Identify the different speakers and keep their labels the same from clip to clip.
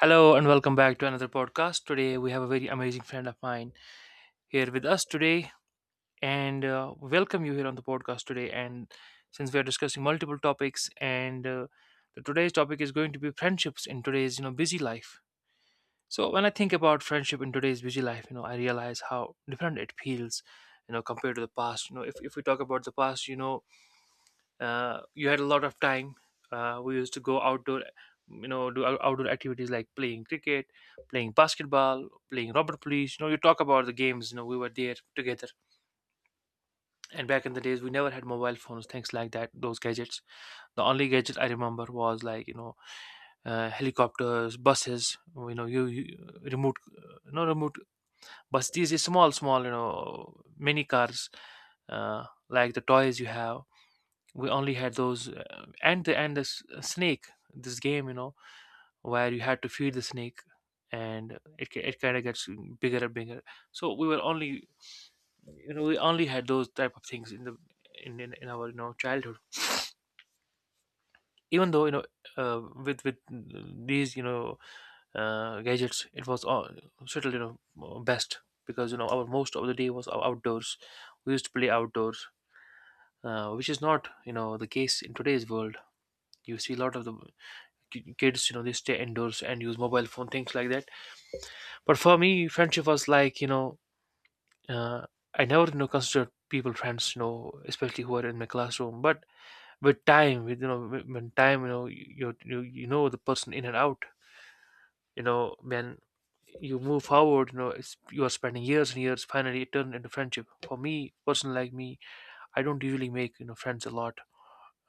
Speaker 1: Hello and welcome back to another podcast. Today we have a very amazing friend of mine here with us today, and welcome you here on the podcast today. And since we are discussing multiple topics, and today's topic is going to be friendships in today's busy life. So when I think about friendship in today's busy life, I realize how different it feels, compared to the past. If we talk about the past, you had a lot of time. Uh, we used to go outdoor, do outdoor activities like playing cricket, playing basketball, playing rubber police. You know, you talk about the games. You know, we were there together, and back in the days we never had mobile phones, things like that, those gadgets. The only gadget I remember was like, helicopters, buses. You, remote, no remote bus. These are small small, mini cars, like the toys you have. We only had those, and the snake, this game, where you had to feed the snake, and it kind of gets bigger and bigger. So we were only, we only had those type of things in the in our childhood. Even though, with these, gadgets, it was all settled, best, because, our most of the day was outdoors. We used to play outdoors, which is not, the case in today's world. You see a lot of the kids, they stay indoors and use mobile phone, things like that. But for me, friendship was like, uh, I never, considered people friends, especially who are in my classroom. But with time, with, when time, you you know the person in and out. When you move forward, it's, you are spending years and years, finally it turned into friendship. For me, person like me, I don't usually make, friends a lot.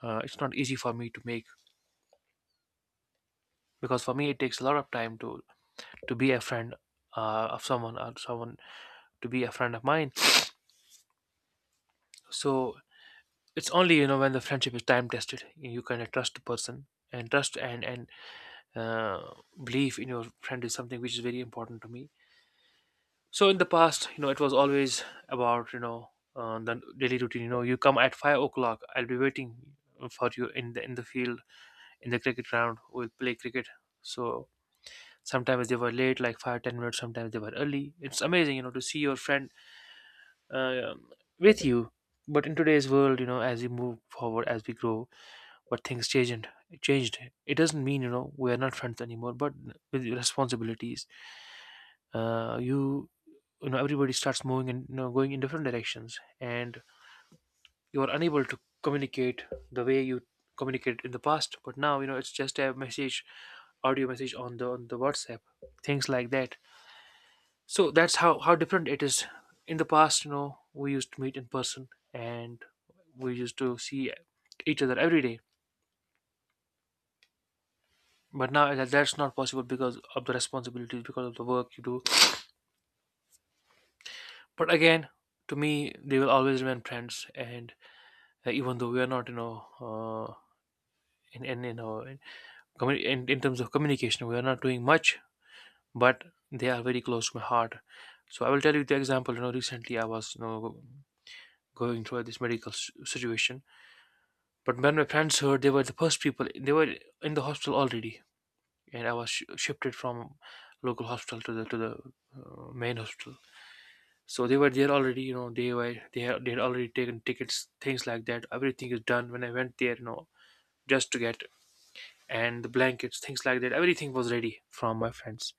Speaker 1: It's not easy for me to make, because for me it takes a lot of time to be a friend, of someone, or someone to be a friend of mine. So it's only, when the friendship is time tested, you kind of trust the person, and trust, and uh, belief in your friend is something which is very important to me. So in the past, you know, it was always about, the daily routine. You know, you come at 5 o'clock. I'll be waiting for you in the field, in the cricket ground. We'll play cricket. So sometimes they were late, like 5-10 minutes. Sometimes they were early. It's amazing, you know, to see your friend, uh, with you. But in today's world, you know, as we move forward, as we grow, but things changed. Changed. It doesn't mean, we are not friends anymore. But with responsibilities, you, you know everybody starts moving and, you know, going in different directions, and you are unable to communicate the way you communicated in the past. But now, it's just a message, audio message on the WhatsApp, things like that. So that's how different it is. In the past, you know, we used to meet in person and we used to see each other every day. But now that's not possible, because of the responsibilities, because of the work you do. But again, to me, they will always remain friends. And, even though we are not, you know, in you know, in terms of communication, we are not doing much, but they are very close to my heart. So I will tell you the example. You know, recently I was, you know, going through this medical situation. But when my friends heard, they were the first people. They were in the hospital already, and I was shifted from local hospital to the main hospital. So they were there already. You know, they had already taken tickets, things like that. Everything is done. When I went there, you know, just to get and the blankets, things like that. Everything was ready from my friends.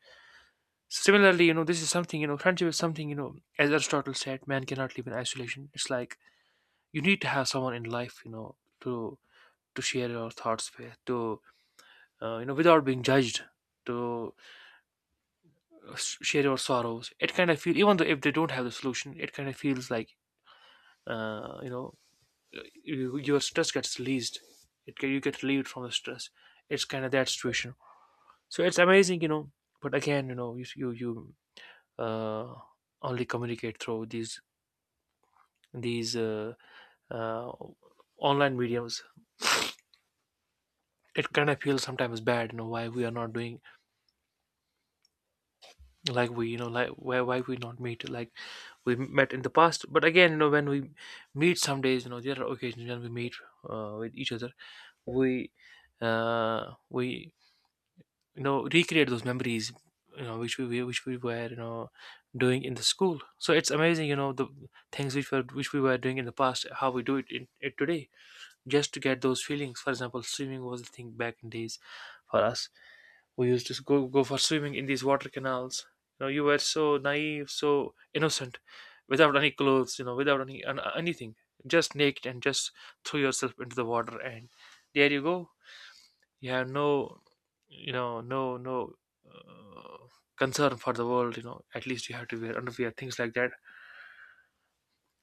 Speaker 1: Similarly, you know, this is something, you know, friendship is something, you know. As Aristotle said, man cannot live in isolation. It's like, you need to have someone in life, you know, to share your thoughts with, to, you know, without being judged, to, uh, share your sorrows. It kind of feels, even though if they don't have the solution, it kind of feels like, uh, you know you, your stress gets released. It you get relieved from the stress. It's kind of that situation. So it's amazing, you know. But again, you know, you you, uh, only communicate through these these uh, uh, online mediums. It kind of feels sometimes bad, you know, why we are not doing, like we, you know, like why we not meet like we met in the past. But again, you know, when we meet some days, you know, there are occasions when we meet, with each other. We, uh we you know, recreate those memories, which we were, you know, doing in the school. So it's amazing, you know, the things which were, which we were doing in the past, how we do it in it today, just to get those feelings. For example, swimming was the thing back in days for us. We used to go for swimming in these water canals. You know, you were so naive, so innocent, without any clothes. You know, without anything, just naked and just threw yourself into the water, and there you go. You have no, you know, no, uh, concern for the world. You know, at least you have to wear underwear, things like that.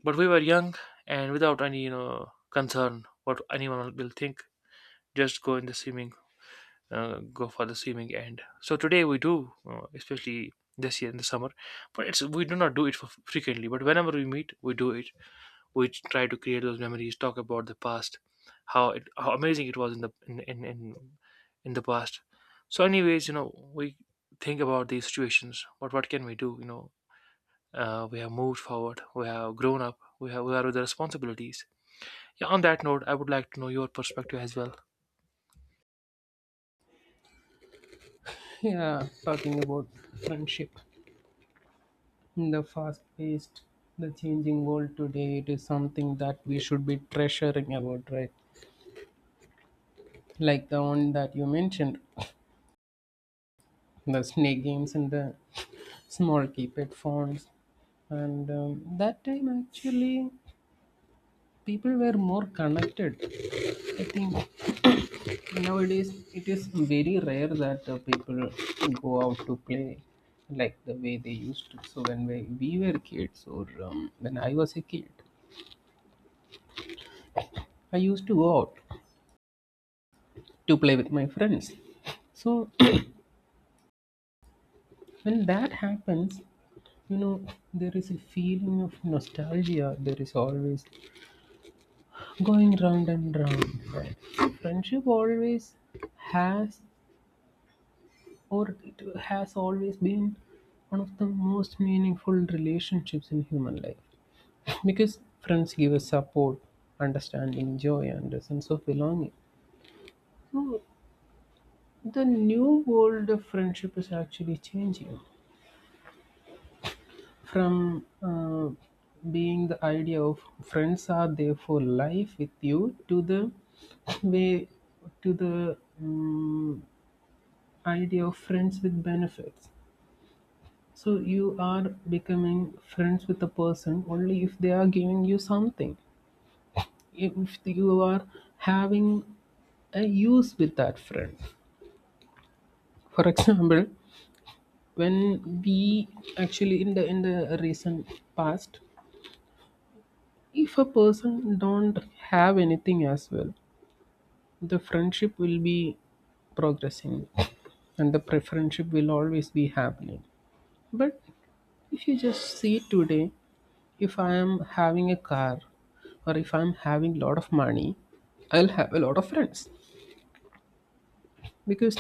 Speaker 1: But we were young and without any, you know, concern what anyone will think. Just go in the swimming, go for the swimming. And so today we do, especially this year in the summer, but it's we do not do it for frequently. But whenever we meet, we do it. We try to create those memories, talk about the past, how it how amazing it was in the in the past. So anyways, you know, we think about these situations, but what can we do, you know? We have moved forward, we have grown up, we have, we are with the responsibilities. Yeah, on that note, I would like to know your perspective as well.
Speaker 2: Yeah, talking about friendship in the fast paced, the changing world today, it is something that we should be treasuring about, right? Like the one that you mentioned, the snake games and the small keypad phones. And that time, actually, people were more connected. I think nowadays it is very rare that people go out to play like the way they used to. So when we were kids or when I was a kid, I used to go out to play with my friends. So when that happens, you know, there is a feeling of nostalgia. There is always going round and round. Right? Friendship always has, or it has always been one of the most meaningful relationships in human life because friends give us support, understanding, joy, and a sense of belonging. So the new world of friendship is actually changing from being the idea of friends are there for life with you to the way to the um, idea of friends with benefits, so you are becoming friends with a person only if they are giving you something, if you are having a use with that friend, for example, when we actually in the recent past, if a person don't have anything as well, the friendship will be progressing and the friendship will always be happening. But if you just see today, if I am having a car or if I'm having lot of money, I'll have a lot of friends, because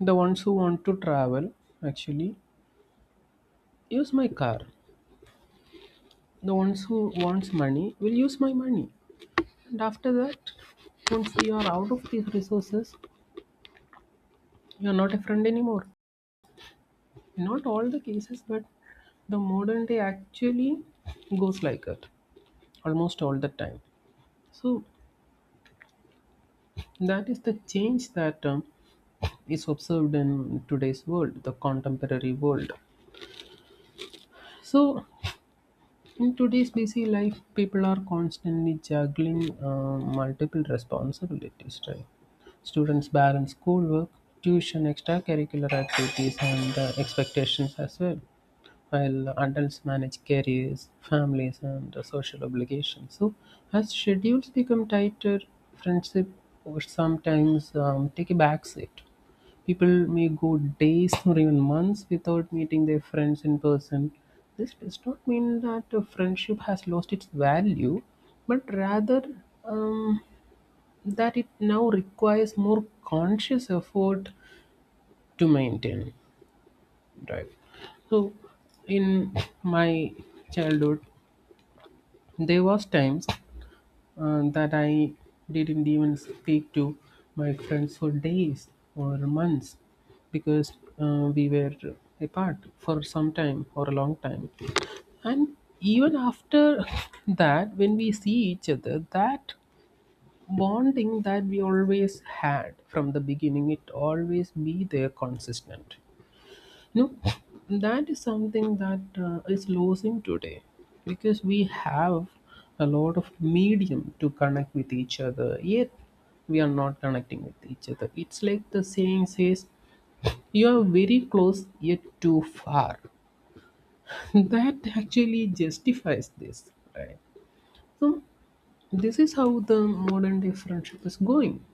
Speaker 2: the ones who want to travel actually use my car, the ones who wants money will use my money, and after that, once you are out of these resources, you are not a friend anymore. Not all the cases, but the modern day actually goes like that almost all the time. So that is the change that is observed in today's world, the contemporary world. So in today's busy life, people are constantly juggling multiple responsibilities, right? Students balance schoolwork, tuition, extracurricular activities, and expectations as well, while adults manage careers, families, and social obligations. So, as schedules become tighter, friendship or sometimes take a backseat. People may go days or even months without meeting their friends in person. This does not mean that a friendship has lost its value, but rather um, that it now requires more conscious effort to maintain. Right. So, in my childhood, there was times that I didn't even speak to my friends for days or months, because we were apart for some time or a long time. And even after that, when we see each other, that bonding that we always had from the beginning, it always be there consistent. No, that is something that is losing today, because we have a lot of medium to connect with each other, yet we are not connecting with each other. It's like the saying says, you are very close yet too far. That actually justifies this, right? So, this is how the modern day friendship is going,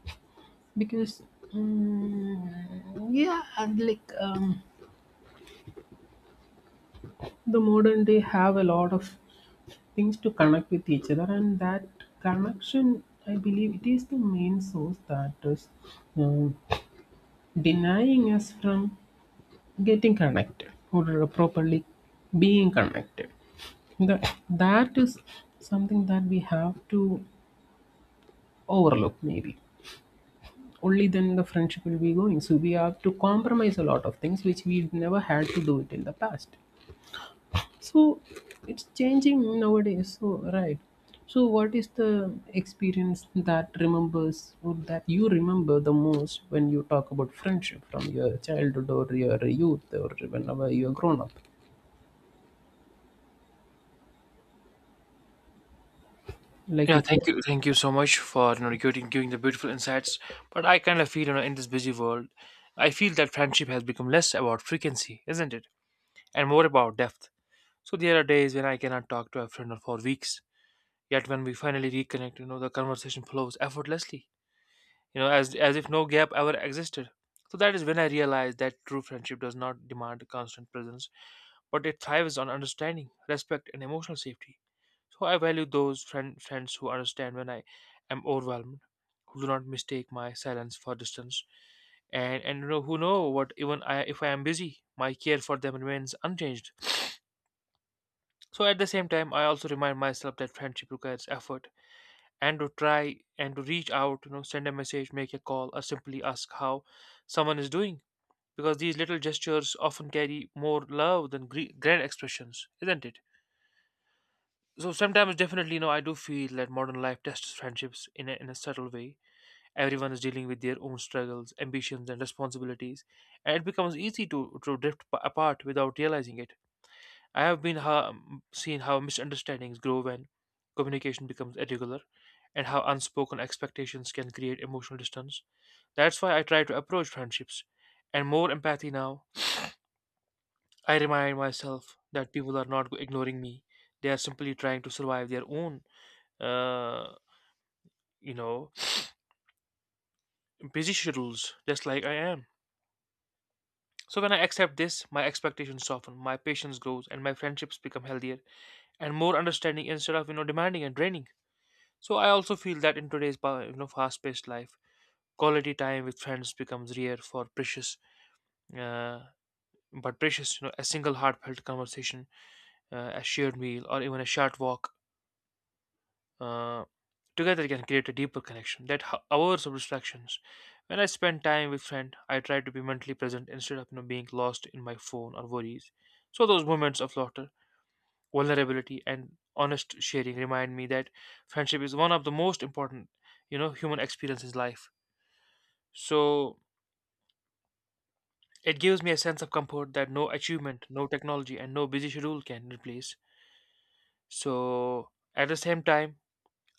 Speaker 2: because, mm, yeah, and like the modern day have a lot of things to connect with each other, and that connection, I believe, it is the main source that is um, denying us from getting connected or properly being connected. That is something that we have to overlook, maybe only then the friendship will be going, so we have to compromise a lot of things which we never had to do it in the past. So it's changing nowadays. So right. So what is the experience that remembers or that you remember the most when you talk about friendship from your childhood or your youth or whenever you're grown up? Like
Speaker 1: Yeah,
Speaker 2: if you.
Speaker 1: thank you so much for, you know, giving the beautiful insights. But I kind of feel, you know, in this busy world, I feel that friendship has become less about frequency, isn't it, and more about depth. So there are days when I cannot talk to a friend for weeks. Yet when we finally reconnect, you know, the conversation flows effortlessly, you know, as if no gap ever existed. So that is when I realized that true friendship does not demand constant presence, but it thrives on understanding, respect, and emotional safety. So I value those friends who understand when I am overwhelmed, who do not mistake my silence for distance, and, you know, who know what even I, if I am busy, my care for them remains unchanged. So at the same time, I also remind myself that friendship requires effort and to try and to reach out, you know, send a message, make a call, or simply ask how someone is doing. Because these little gestures often carry more love than grand expressions, isn't it? So sometimes, definitely, you know, I do feel that modern life tests friendships in a subtle way. Everyone is dealing with their own struggles, ambitions, and responsibilities, and it becomes easy to drift apart without realizing it. I have been seen how misunderstandings grow when communication becomes irregular, and how unspoken expectations can create emotional distance. That's why I try to approach friendships and more empathy now. I remind myself that people are not ignoring me; they are simply trying to survive their own, uh. you know, busy schedules, just like I am. So when I accept this, my expectations soften, my patience grows, and my friendships become healthier and more understanding, instead of, you know, demanding and draining. So I also feel that in today's you know fast-paced life, quality time with friends becomes rare for precious, uh, but precious. You know, a single heartfelt conversation, a shared meal, or even a short walk, uh, together, can create a deeper connection that hours of distractions. When I spend time with friend, I try to be mentally present, instead of, you know, being lost in my phone or worries. So those moments of laughter, vulnerability, and honest sharing remind me that friendship is one of the most important, human experiences in life. So it gives me a sense of comfort that no achievement, no technology, and no busy schedule can replace. So at the same time,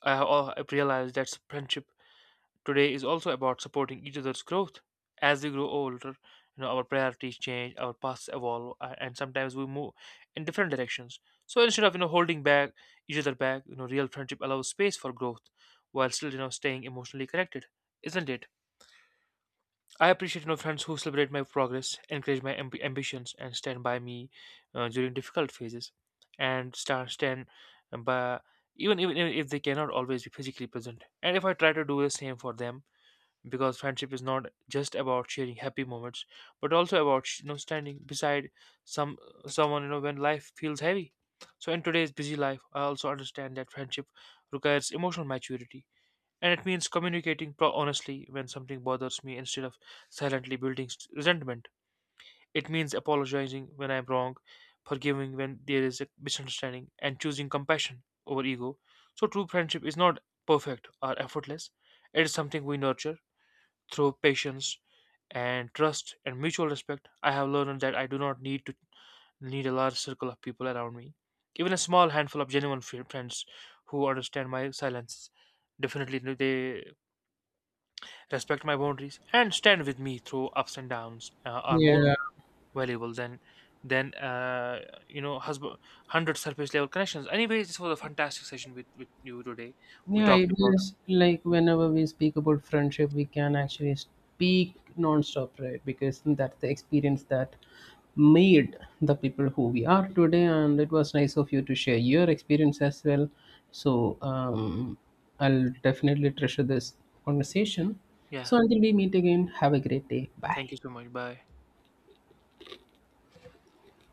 Speaker 1: I've realized that friendship today is also about supporting each other's growth. As we grow older, you know, our priorities change, our paths evolve, and sometimes we move in different directions. So instead of, holding back each other back, you know, real friendship allows space for growth while still, staying emotionally connected, isn't it? I appreciate, friends who celebrate my progress, encourage my ambitions, and stand by me, during difficult phases, and stand stand by, even if they cannot always be physically present. And if I try to do the same for them, because friendship is not just about sharing happy moments, but also about, you know, standing beside some someone, you know, when life feels heavy. So in today's busy life, I also understand that friendship requires emotional maturity, and it means communicating honestly when something bothers me, instead of silently building resentment. It means apologizing when I'm wrong, forgiving when there is a misunderstanding, and choosing compassion over ego. So true friendship is not perfect or effortless. It is something we nurture through patience and trust and mutual respect. I have learned that I do not need a large circle of people around me. Even a small handful of genuine friends who understand my silences, definitely they respect my boundaries and stand with me through ups and downs, are more
Speaker 2: Yeah,
Speaker 1: valuable than than uh, you know, husband 100 surface level connections. Anyways, this was a fantastic session with you today. We
Speaker 2: yeah,
Speaker 1: talked
Speaker 2: it
Speaker 1: about,
Speaker 2: is like whenever we speak about friendship, we can actually speak non-stop, right? Because that's the experience that made the people who we are today. And it was nice of you to share your experience as well. So I'll definitely treasure this conversation.
Speaker 1: yeah.
Speaker 2: So until we meet again, have a great day. Bye.
Speaker 1: Thank you so much. Bye.